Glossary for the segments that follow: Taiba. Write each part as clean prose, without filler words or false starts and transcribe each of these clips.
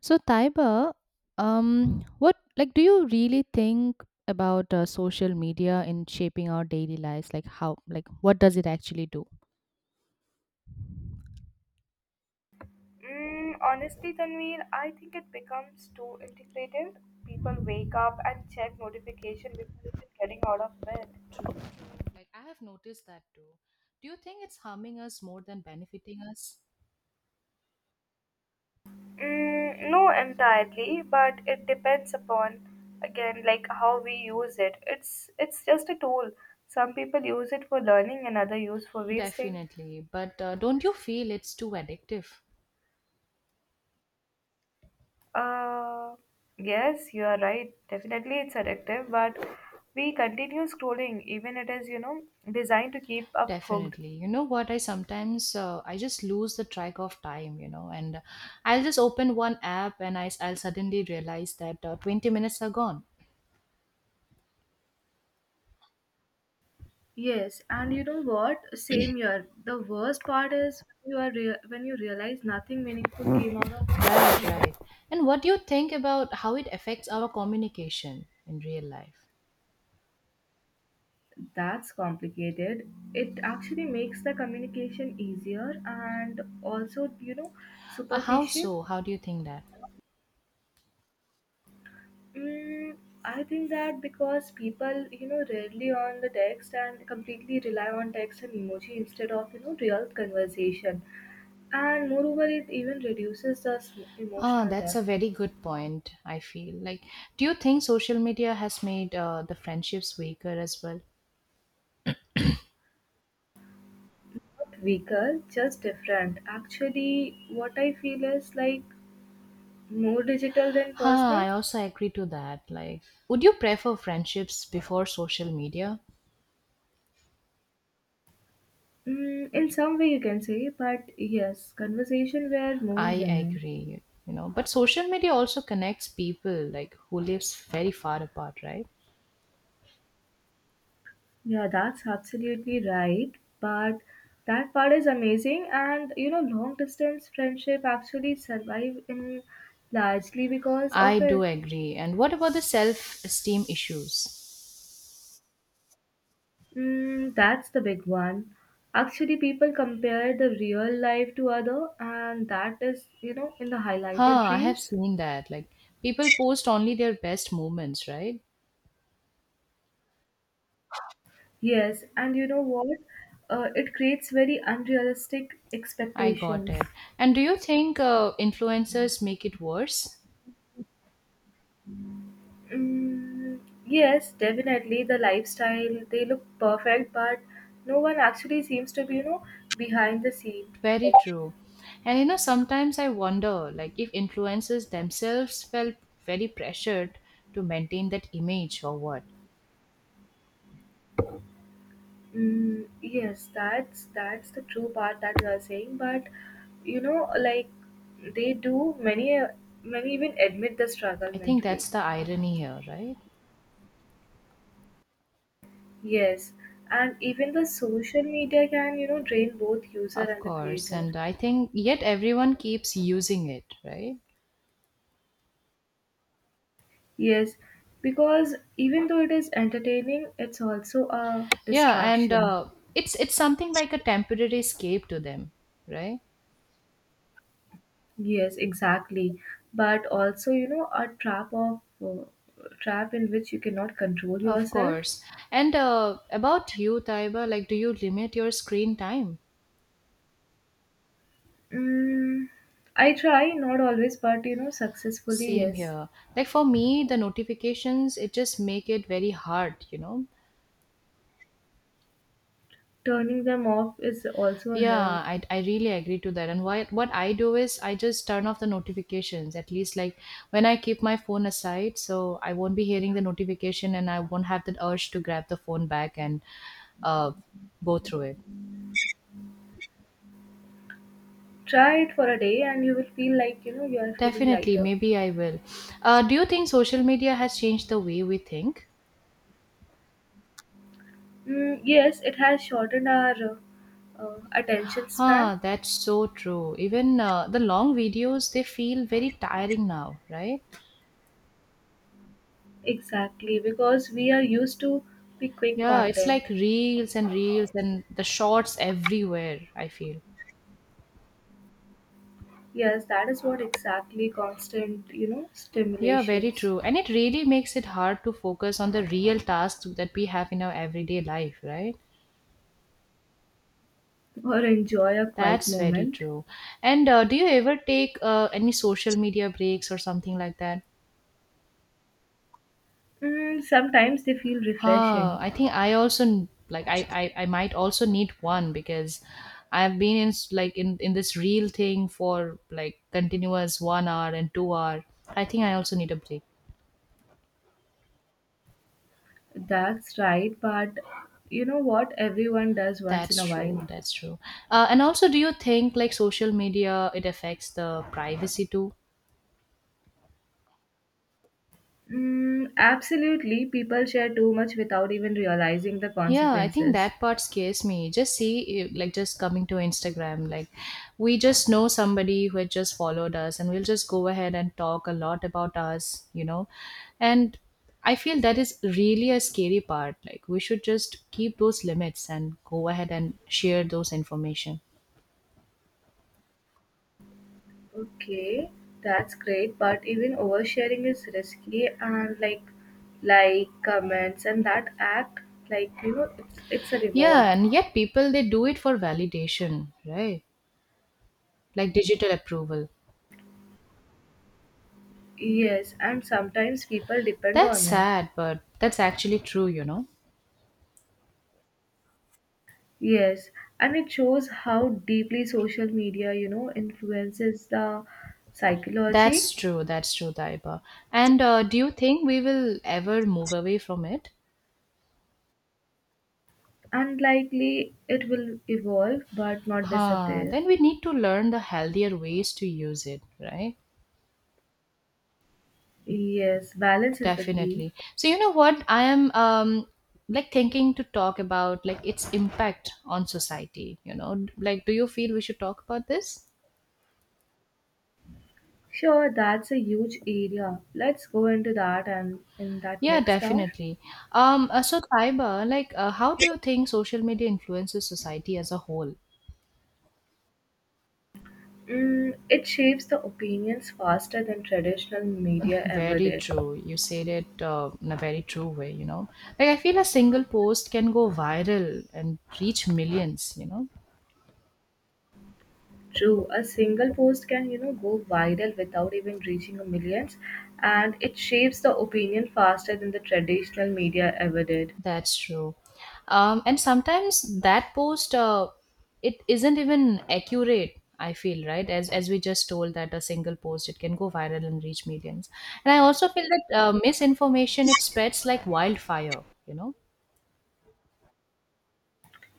So, Taiba, what like do you really think about social media in shaping our daily lives? Like how, like what does it actually do? Honestly, Tanveer, I think it becomes too integrated. People wake up and check notification before even getting out of bed. True, true. Like I have noticed that too. Do you think it's harming us more than benefiting us? No, entirely, but it depends upon again like how we use it. It's just a tool. Some people use it for learning, and other use for wasting. Definitely, but don't you feel it's too addictive? Uh, yes, you are right. Definitely, it's addictive, but we continue scrolling, even it is designed to keep up hooked. Definitely. You know what? I sometimes I just lose the track of time. You know, and I'll just open one app and I'll suddenly realize that 20 minutes are gone. Yes, and you know what? Same year. The worst part is when you realize nothing meaningful came out of it. Right, right. And what do you think about how it affects our communication in real life? That's complicated. It actually makes the communication easier and also How superficial. so? How do you think that? Mm, I think that because people rarely on the text and completely rely on text and emoji instead of real conversation, and moreover it even reduces the Ah, emotional that's a depth. very good point, I feel. Like, do you think social media has made the friendships weaker as well? Weaker, just different. Actually, what I feel is like more digital than Huh, personal. I also agree to that. Like, would you prefer friendships before social media? In some way, you can say, but yes, conversation were more I genuine. agree, you know. But social media also connects people, like, who lives very far apart, right? Yeah, that's absolutely right. But that part is amazing, and long distance friendship actually survive in largely because I of do it. agree. And what about the self-esteem issues? That's the big one. Actually, people compare the real life to other, and that is, in the Huh, highlighted I have reels. seen that. Like people post only their best moments, right? Yes, and you know what? It creates very unrealistic I got expectations. it. And do you think influencers make it worse? Mm, yes, definitely the lifestyle, they look perfect, but no one actually seems to be, behind the scene. Very true. And you know, sometimes I wonder, like if influencers themselves felt very pressured to maintain that image or what. Yes, that's the true part that you are saying. But like they do many even admit the struggle I think mentally. that's the irony here, right? Yes, and even the social media can drain both user Of and the course. creator. And I think yet everyone keeps using it, right? Yes, because even though it is entertaining, it's also a Yeah, and distraction. It's something like a temporary escape to them, right? Yes, exactly. But also, a trap of uh, trap in which you cannot control Of yourself. course. And about you, Taiba, like, do you limit your screen time? Mm, I try, not always, but successfully, Same yes. here. Like for me, the notifications it just make it very hard, you know. Turning them off is also a Yeah, help. I really agree to that. And why, what I do is I just turn off the notifications. At least like when I keep my phone aside, so I won't be hearing the notification and I won't have that urge to grab the phone back and uh, go through it. Try it for a day and you will feel like you are feeling Definitely, lighter. maybe I will. Do you think social media has changed the way we think? Yes, it has shortened our attention span. Huh, that's so true. Even the long videos, they feel very tiring now, right? Exactly, because we are used to the quick Yeah, it's content. like reels and reels and the shorts everywhere, I feel. Yes, that is what exactly constant, Yeah, very stimulations. true. And it really makes it hard to focus on the real tasks that we have in our everyday life, right? Or enjoy a quiet That's very moment. true. And do you ever take any social media breaks or something like that? Sometimes they feel Huh, refreshing. I think I also like I might also need one because I've been in like in this real thing for like continuous one hour and 2 hour. I think I also need a break. That's right, but you know what everyone does once in That's a true. while? That's true. And also, do you think like social media it affects the privacy too? Absolutely, people share too much without even realizing the Yeah, I think consequences. that part scares me. Just see, eh, like, just coming to Instagram, like, we just know somebody who had just followed us, and we'll just go ahead and talk a lot about us, you know. And I feel that is really a scary part. Like, we should just keep those limits and go ahead and share those information. Okay, that's great, but even oversharing is risky and like comments and that act like it's a reward. Yeah, and yet people they do it for validation, right? Like digital approval. Yes, and sometimes people depend That's on it. sad, but that's actually true, you know. Yes, and it shows how deeply social media, influences the psychology. That's true. That's true, Taiba. And do you think we will ever move away from it? Unlikely it will evolve but not Huh. disappear. Then we need to learn the healthier ways to use it, right? Yes, balance is the key. Definitely. So you know what? I am like thinking to talk about like its impact on society. You know, like do you feel we should talk about this? Sure, that's a huge area. Let's go into that and in that Yeah, next hour. definitely. So Taiba, like, how do you think social media influences society as a whole? It shapes the opinions faster than traditional media ever Very did. true. You said it in a very true way, you know. Like, I feel a single post can go viral and reach millions, you know. True, a single post can, go viral without even reaching a millions, and it shapes the opinion faster than the traditional media ever did. That's true. And sometimes that post, it isn't even accurate, I feel, right? As we just told that a single post, it can go viral and reach millions. And I also feel that misinformation, it spreads like wildfire, you know.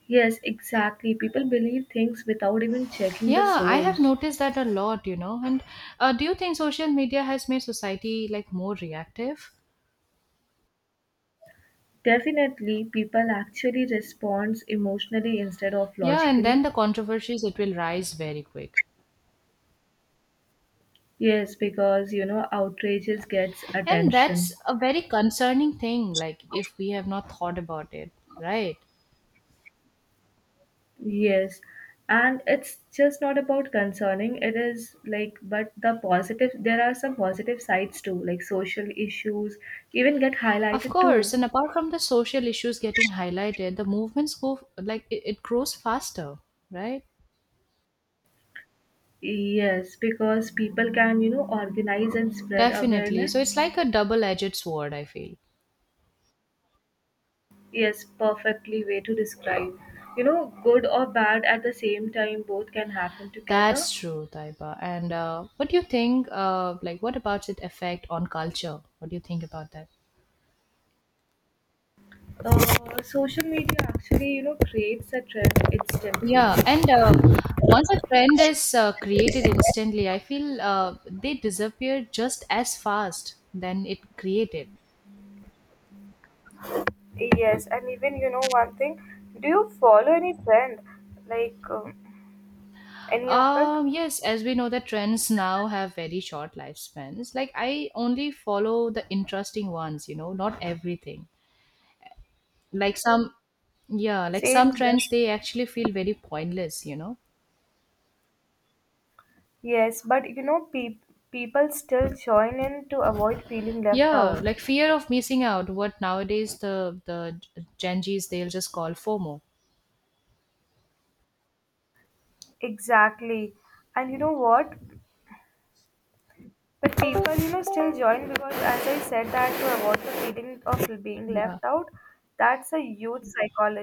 Yes, exactly. People believe things without even checking the Yeah, I have source. noticed that a lot, you know. And do you think social media has made society like more reactive? Definitely, people actually responds emotionally instead of Yeah, and then logically. the controversies, it will rise very quick. Yes, because outrages gets And that's attention. a very concerning thing, like if we have not thought about it, right? Yes, and it's just not about concerning. It is like, but the positive, there are some positive sides too, like social issues even get Of highlighted course, too. and apart from the social issues getting highlighted, the movements go like it grows faster, right? Yes, because people can, organize and spread Definitely. So awareness. it's like a double edged sword, I feel. Yes, perfectly way to describe. Good or bad at the same time, both can happen together. That's true, Taiba. And what do you think, like, what about it effect on culture? What do you think about that? Social media actually, creates a trend instantly. Yeah, and once a trend is created instantly, I feel they disappear just as fast than it created. Yes, and even you know one thing, do you follow any trend, like any of it? Yes, as we know, the trends now have very short lifespans. Like I only follow the interesting ones, you know, not everything. Like some, yeah, like Same some here. trends they actually feel very pointless, you know. Yes, but people still join in to avoid feeling left Yeah, out. like fear of missing out. What nowadays the Gen Zs they'll just call FOMO. Exactly. And you know what? But people, still join because, as I said, that to avoid the feeling of being Yeah. left out, that's a huge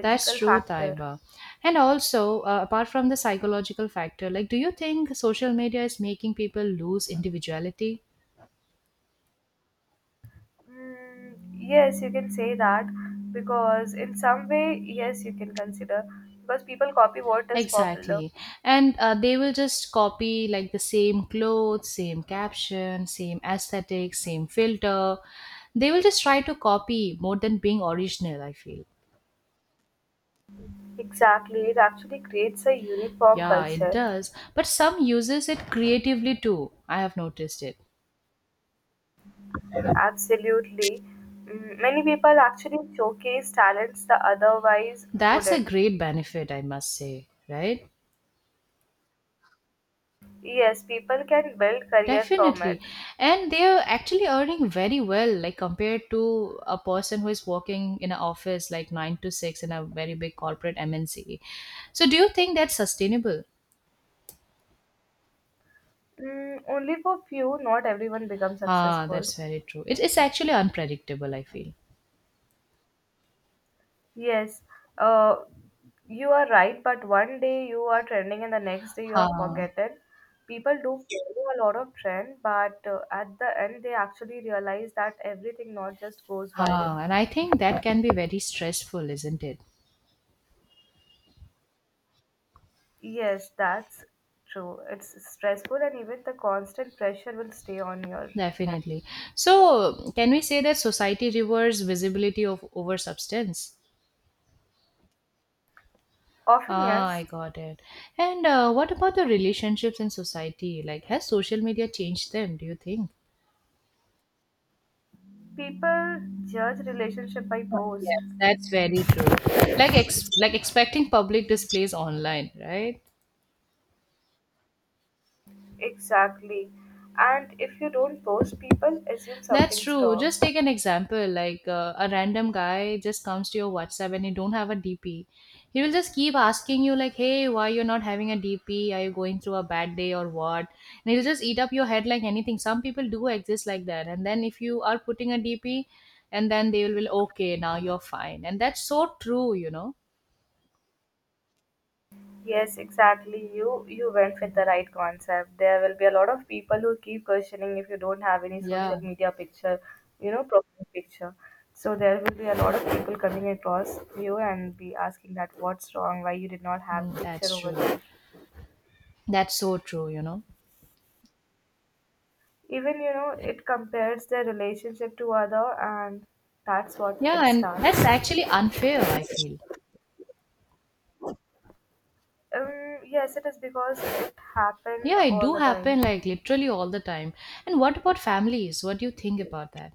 That's true, factor. Taiba. And also, apart from the psychological factor, like, do you think social media is making people lose individuality? Yes, you can say that because, in some way, yes, you can consider because people copy what is popular. Exactly. And they will just copy like the same clothes, same caption, same aesthetic, same filter. They will just try to copy more than being original, I feel. Exactly, it actually creates a uniform Yeah, it culture. does. But some uses it creatively too. I have noticed it. Absolutely. Many people actually showcase talents that otherwise That's a wouldn't. great benefit, I must say, right? Yes, people can build career from Definitely. it. And they are actually earning very well, like compared to a person who is working in an office like nine to six in a very big corporate MNC. So, do you think that's sustainable? Only for few, not everyone becomes Ah, successful. that's very true. It is actually unpredictable, I feel. Yes, uh, you are right, but one day you are trending and the next day you are Ah, forgotten. People do follow a lot of trend, but at the end they actually realize that everything not just goes viral. And I think that can be very stressful, isn't it? Yes, that's true. It's stressful and even the constant pressure will stay on your head. Definitely. So, can we say that society rewards visibility of over substance? Often, Ah, yes, I got it. And what about the relationships in society? Like, has social media changed them, do you think? people judge relationship by post. Yes, that's very true. Like ex like expecting public displays online, right? Exactly. And if you don't post, people assume That's something's true. wrong. Just take an example like a random guy just comes to your WhatsApp and you don't have a DP. He will just keep asking you, like, hey, why you're not having a DP? Are you going through a bad day or what? And he'll just eat up your head like anything. Some people do exist like that. And then if you are putting a DP, and then they will, okay, now you're fine. And that's so true, you know? Yes, exactly. You went with the right concept. There will be a lot of people who keep questioning if you don't have any Yeah, social media picture, profile picture. So there will be a lot of people coming across you and be asking that what's wrong, why you did not have a mm, that's picture over true. there. That's so true, you know? Even it compares their relationship to other and that's what it Yeah, and that's starts. actually unfair, I feel. Yes, it is because it happen Yeah, it all do the time. happen like literally all the time. And what about families? What do you think about that?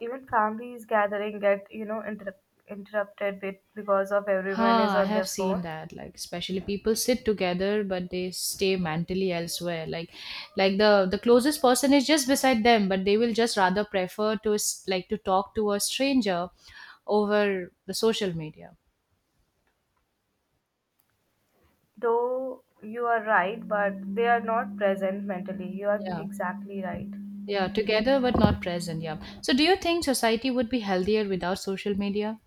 Even families gathering get interrupted bit because of everyone is Ha, I on have their seen phone. that. Like especially people sit together but they stay mentally elsewhere. Like the closest person is just beside them, but they will just rather prefer to like to talk to a stranger over the social media. Though you are right, but they are not present mentally, you are Yeah. exactly right. Yeah, together but not present. Yeah. So do you think society would be healthier without social media?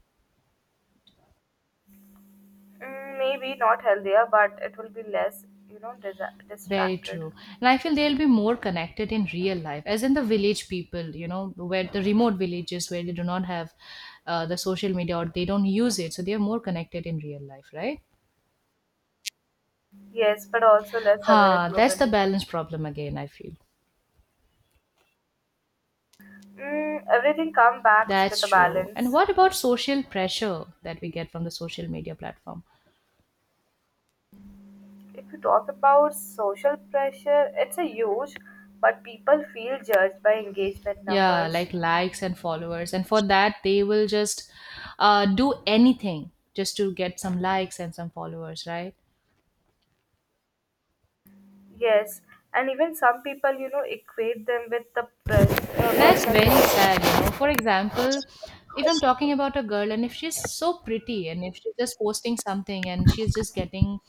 Maybe not healthier, but it will be less Very distracted. true. And I feel they'll be more connected in real life, as in the village people, you know, where the remote villages where they do not have the social media or they don't use it. So they are more connected in real life, right? Yes, but also less aware Ha, that's the globally. balance problem again, I feel. Everything comes back with That's a true. And balance. what about social pressure that we get from the social media platform? If you talk about social pressure, it's a huge, but people feel judged by engagement Yeah, numbers. like likes and followers. And for that, they will just do anything just to get some likes and some followers, right? Yes, and even some people, equate them with the That's personal very world. sad, you know. For example, if I'm talking about a girl and if she's so pretty and if she's just posting something and she's just getting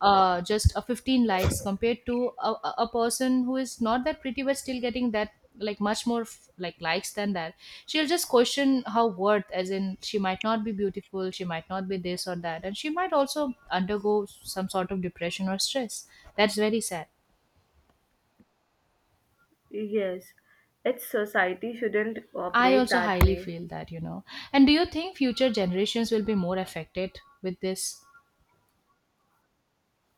just a 15 likes compared to a person who is not that pretty but still getting that like much more like likes than that, she'll just question her worth as in she might not be beautiful, she might not be this or that, and she might also undergo some sort of depression or stress. That's very sad. Yes, its society shouldn't I operate also that highly way. feel that, you know. And do you think future generations will be more affected with this?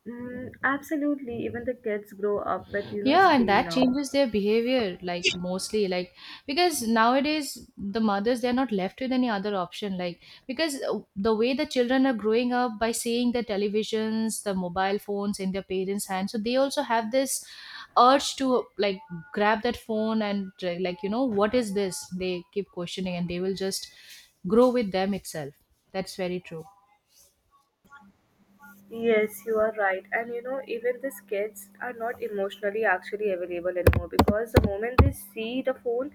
Absolutely, even the kids grow up with, Yeah, and screen that now. changes their behavior, like mostly, like because nowadays the mothers they're not left with any other option, like because the way the children are growing up by seeing the televisions, the mobile phones in their parents' hands, so they also have this urge to like grab that phone and like you know what is this? They keep questioning and they will just grow with them itself. That's very true. Yes, you are right. And even these kids are not emotionally actually available anymore because the moment they see the phone,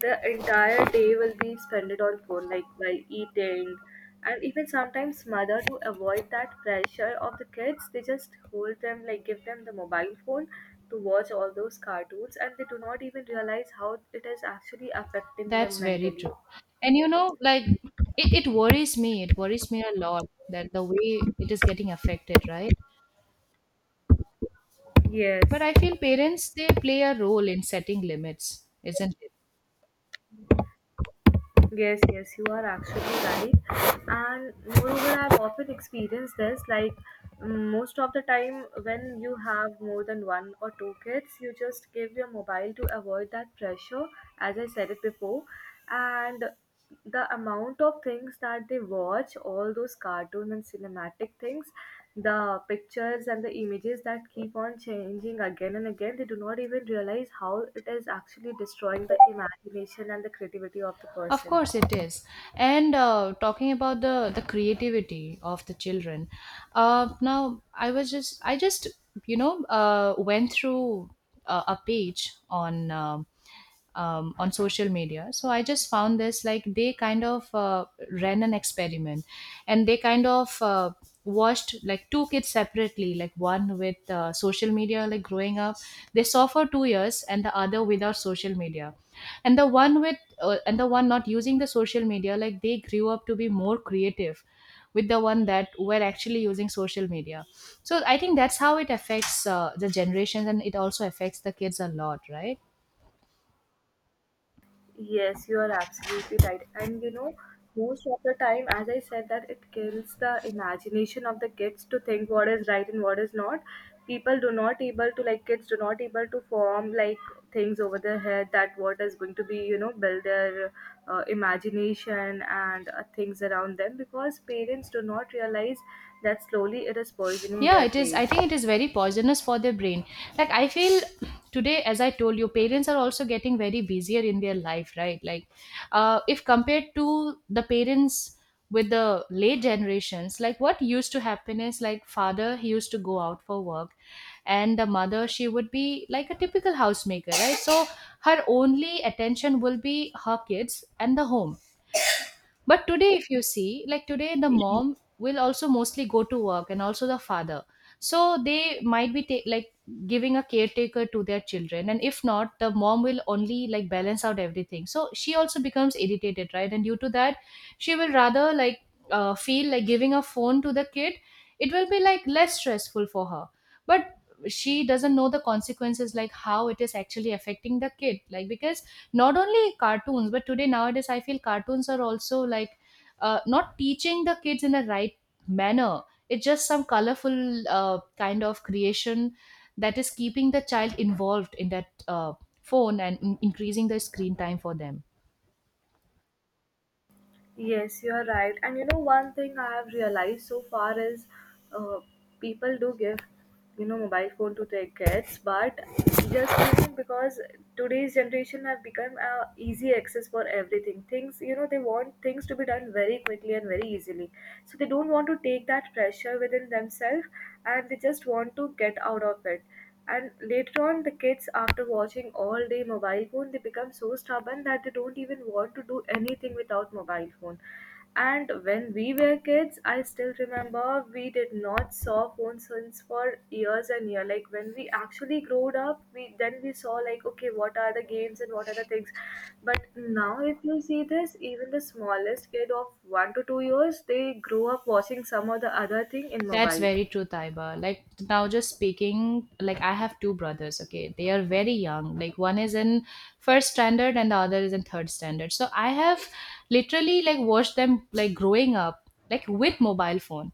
the entire day will be spent on phone, like while eating. And even sometimes mother to avoid that pressure of the kids, they just hold them, like give them the mobile phone to watch all those cartoons and they do not even realize how it is actually affecting them That's very mentally. true. And you know, it worries me. It worries me a lot that the way it is getting affected, right? But Yes. I feel parents, they play a role in setting limits, isn't it? Yes, yes, you are actually right. And moreover, I've often experienced this. Like most of the time, when you have more than one or two kids, you just give your mobile to avoid that pressure, as I said it before. And the amount of things that they watch, all those cartoon and cinematic things, the pictures and the images that keep on changing again and again, they do not even realize how it is actually destroying the imagination and the creativity of the Of person. course it is. And talking about the creativity of the children, now I was just, I just, you know, went through a page on social media. So I just found this like they kind of ran an experiment and they kind of watched like two kids separately, like one with social media, like growing up. They saw for 2 years and the other without social media. And the one with and the one not using the social media, like they grew up to be more creative with the one that were actually using social media. So I think that's how it affects the generations and it also affects the kids a lot, right? Yes, you are absolutely right. And most of the time, as I said, that it kills the imagination of the kids to think what is right and what is not. People do not able to, like, kids do not able to form like things over their head that what is going to be build their imagination and things around them because parents do not realize that slowly it is poisoning Yeah, their it is. brain. I think it is very poisonous for their brain, like I feel today, as I told you, parents are also getting very busier in their life, right? Like if compared to the parents with the late generations, like what used to happen is like father, he used to go out for work and the mother, she would be like a typical housemaker, right? So her only attention will be her kids and the home. But today, if you see, like today, the mom will also mostly go to work and also the father. So they might be like giving a caretaker to their children. And if not, the mom will only like balance out everything. So she also becomes irritated, right? And due to that, she will rather like feel like giving a phone to the kid, it will be like less stressful for her. But she doesn't know the consequences, like how it is actually affecting the kid. Like, because not only cartoons but today nowadays I feel cartoons are also like not teaching the kids in the right manner. It's just some colorful kind of creation that is keeping the child involved in that phone and increasing the screen time for them. Yes, you are right. And one thing I have realized so far is uh, people do give, mobile phone to their kids, but just even because today's generation have become easy access for everything. Things, they want things to be done very quickly and very easily. So they don't want to take that pressure within themselves and they just want to get out of it. And later on, the kids, after watching all day mobile phone, they become so stubborn that they don't even want to do anything without mobile phone. And when we were kids, I still remember we did not saw phone since for years and year. Like when we actually growed up, we then we saw like okay, what are the games and what are the things. But now, if you see this, even the smallest kid of 1 to 2 years, they grow up watching some or the other thing in That's mobile. very true, Taiba. Like now, just speaking, like I have two brothers. Okay, they are very young. Like one is in first standard and the other is in third standard. So I have literally like watched them like growing up, like with mobile phone.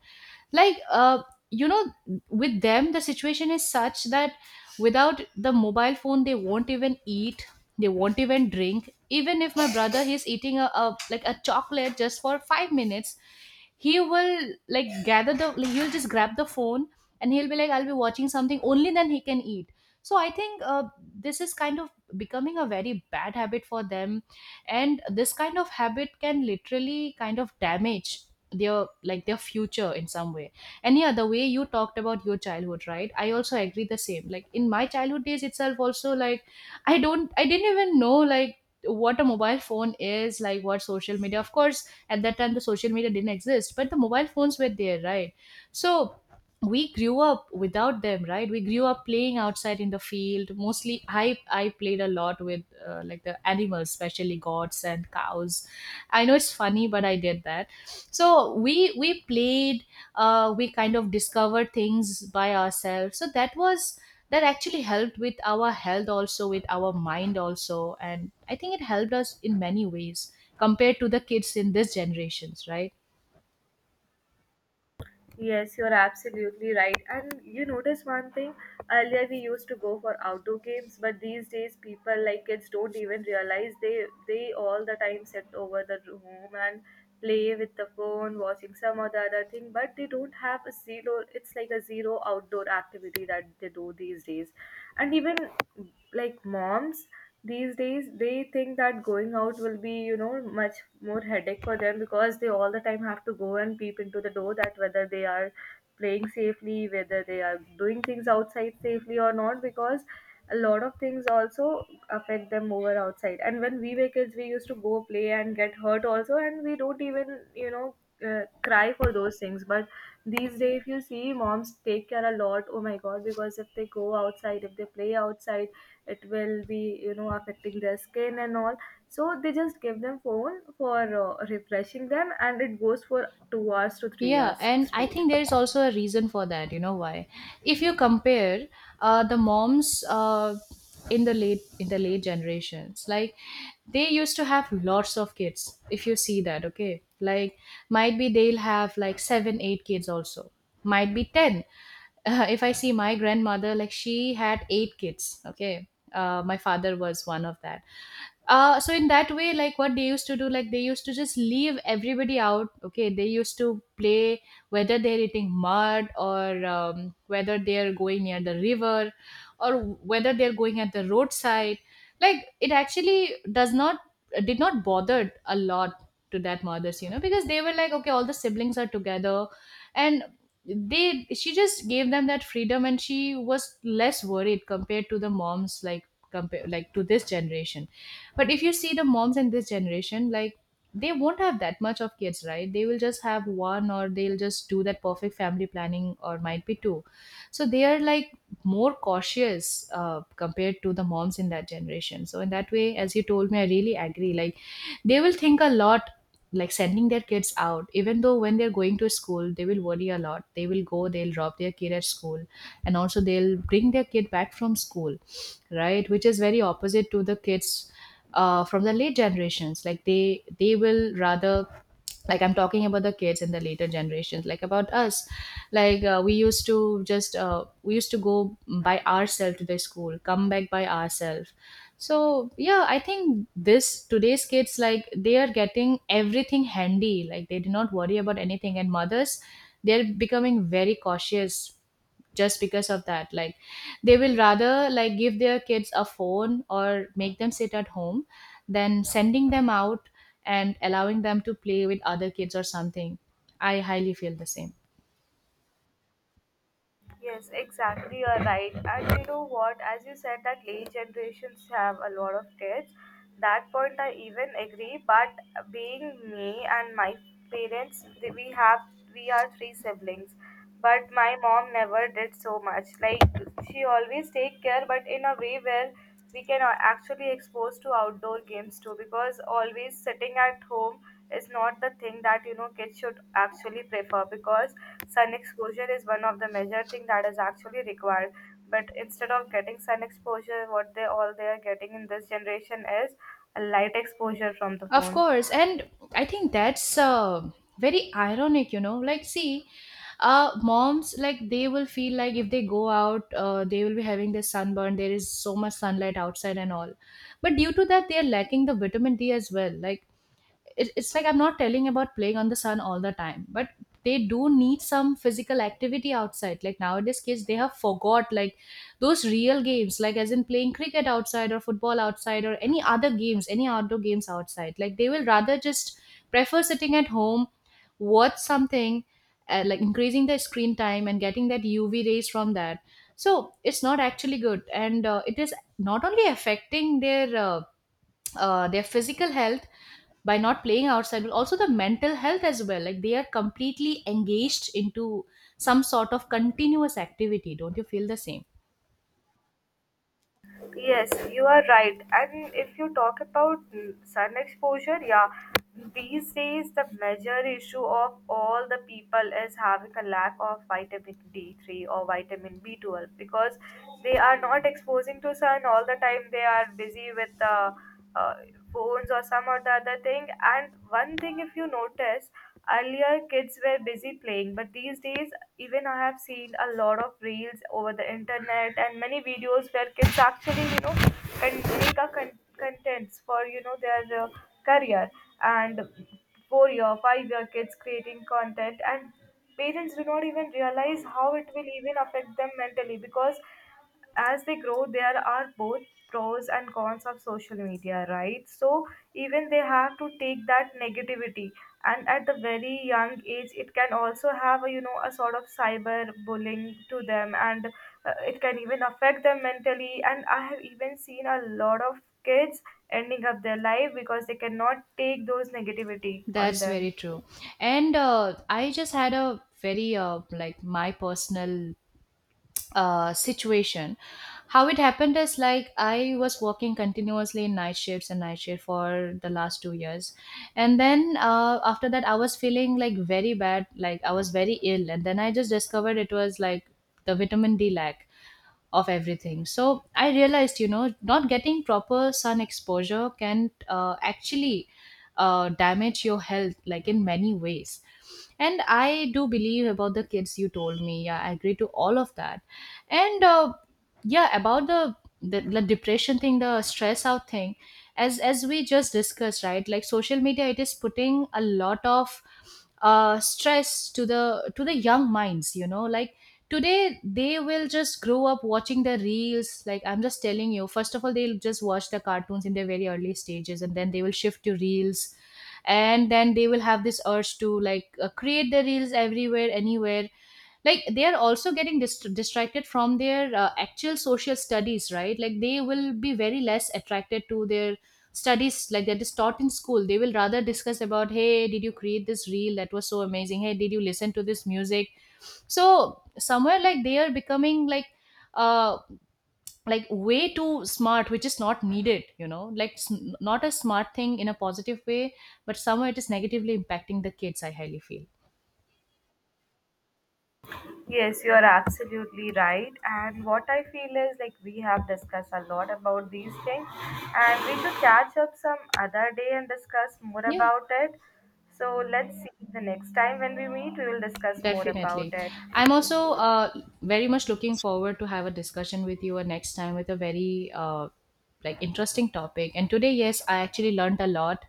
Like you know, with them the situation is such that without the mobile phone, they won't even eat. They won't even drink. Even if my brother he's eating a like a chocolate just for 5 minutes, he will like gather the like, he'll just grab the phone and he'll be like, I'll be watching something only then he can eat. So I think this is kind of becoming a very bad habit for them, and this kind of habit can literally kind of damage their like their future in some way. And yeah, the way you talked about your childhood, right? I also agree the same. Like in my childhood days itself also, like I didn't even know like what a mobile phone is, like what social media. Of course, at that time the social media didn't exist but the mobile phones were there, right? So we grew up without them, right? We grew up playing outside in the field. Mostly I played a lot with like the animals, especially goats and cows. I know it's funny but I did that. So we played, we kind of discovered things by ourselves. So that was, that actually helped with our health also, with our mind also, and I think it helped us in many ways compared to the kids in this generations, right? Yes, you're absolutely right. And you notice one thing, earlier we used to go for outdoor games, but these days people like kids don't even realize they all the time sit over the room and play with the phone, watching some or the other thing, but they don't have a zero, it's like a zero outdoor activity that they do these days. And even like moms these days they think that going out will be much more headache for them because they all the time have to go and peep into the door that whether they are playing safely, whether they are doing things outside safely or not because a lot of things also affect them over outside, and when we were kids we used to go play and get hurt also and we don't even cry for those things. But these days if you see moms take care a lot, oh my god, because if they go outside, if they play outside, it will be affecting their skin and all, so they just give them phone for refreshing them and it goes for 2 hours to 3 Yeah, hours and I straight. think there is also a reason for that, you know why. If you compare the moms in the late generations, like they used to have lots of kids. If you see that, okay, like might be they'll have like 7 8 kids also, might be 10. If I see my grandmother, like she had 8 kids. Okay, my father was one of that. So in that way, like what they used to do, like they used to just leave everybody out. Okay, they used to play whether they're eating mud or whether they're going near the river or whether they're going at the roadside. Like it actually does not, did not bother a lot to that mothers, you know, because they were like, okay, all the siblings are together, and they she just gave them that freedom and she was less worried compared to the moms, like compare like to this generation. But if you see the moms in this generation, like they won't have that much of kids, right? They will just have one, or they'll just do that perfect family planning, or might be two. So they are like more cautious compared to the moms in that generation. So in that way, as you told me, I really agree. Like they will think a lot, like sending their kids out. Even though when they're going to school, they will worry a lot. They will go, they'll drop their kid at school and also they'll bring their kid back from school, right? Which is very opposite to the kids from the late generations. Like they will rather like, I'm talking about the kids and the later generations, like about us. Like we used to go by ourselves to the school, come back by ourselves. So yeah, I think this today's kids, like they are getting everything handy, like they do not worry about anything, and mothers, they're becoming very cautious just because of that. Like they will rather like give their kids a phone or make them sit at home than sending them out and allowing them to play with other kids or something. I highly feel the same. Yes, exactly. You are right. And you know what? As you said, that late generations have a lot of kids. That point I even agree. But being me and my parents, we are three siblings. But my mom never did so much. Like she always take care, but in a way where we can actually expose to outdoor games too because always sitting at home is not the thing that kids should actually prefer, because sun exposure is one of the major thing that is actually required. But instead of getting sun exposure, what they all they are getting in this generation is a light exposure from the Of phone. course, and I think that's very ironic, you know, like, see, uh, moms like they will feel like if they go out they will be having this sunburn, there is so much sunlight outside and all. But due to that they are lacking the vitamin D as well. Like it's like I'm not telling about playing on the sun all the time, but they do need some physical activity outside. Like nowadays, kids they have forgot like those real games, like as in playing cricket outside or football outside or any other games, any outdoor games outside. Like they will rather just prefer sitting at home, watch something, like increasing their screen time and getting that UV rays from that. So it's not actually good, and it is not only affecting their physical health by not playing outside but also the mental health as well. Like they are completely engaged into some sort of continuous activity. Don't you feel the same? Yes, you are right. And if you talk about sun exposure, yeah, these days the major issue of all the people is having a lack of vitamin D3 or vitamin B12 because they are not exposing to sun all the time. They are busy with the uh, phones or some or the other thing. And one thing, if you notice, earlier kids were busy playing, but these days even I have seen a lot of reels over the internet and many videos where kids actually, can make a contents for their career, and 4 year, 5 year kids creating content and parents do not even realize how it will even affect them mentally, because as they grow there are both pros and cons of social media, right, so even they have to take that negativity, and at the very young age it can also have a sort of cyber bullying to them, and it can even affect them mentally, and I have even seen a lot of kids ending up their life because they cannot take those negativity on That's them. very true. And I just had a very like my personal situation. How it happened is like I was working continuously in night shifts and night shift for the last 2 years, and then after that I was feeling like very bad, like I was very ill, and then I just discovered it was like the vitamin D lack of everything. So I realized, you know, not getting proper sun exposure can actually damage your health, like in many ways. And I do believe about the kids you told me. Yeah, I agree to all of that. And about the depression thing, the stress out thing, as we just discussed, right? Like social media, it is putting a lot of stress to the young minds. You know, like today they will just grow up watching the reels. Like I'm just telling you, first of all they'll just watch the cartoons in their very early stages and then they will shift to reels, and then they will have this urge to like create the reels everywhere anywhere. Like they are also getting distracted from their actual social studies, right? Like they will be very less attracted to their studies like that is taught in school. They will rather discuss about, hey, did you create this reel? That was so amazing. Hey, did you listen to this music? So somewhere like they are becoming like uh like way too smart, which is not needed, you know, like, not a smart thing in a positive way, but somewhere it is negatively impacting the kids, I highly feel. Yes, you are absolutely right. And what I feel is like we have discussed a lot about these things, and we could catch up some other day and discuss more Yeah. about it. So let's see the next time when we meet, we will discuss more about Definitely. it. I'm also very much looking forward to have a discussion with you next time with a very like interesting topic. And today, yes, I actually learned a lot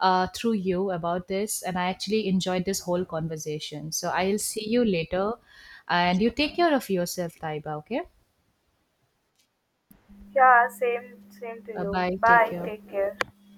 through you about this, and I actually enjoyed this whole conversation. So I'll see you later, and you take care of yourself, Taiba. Okay. Yeah, same, same to Bye you. bye. Take Bye. care. Take care.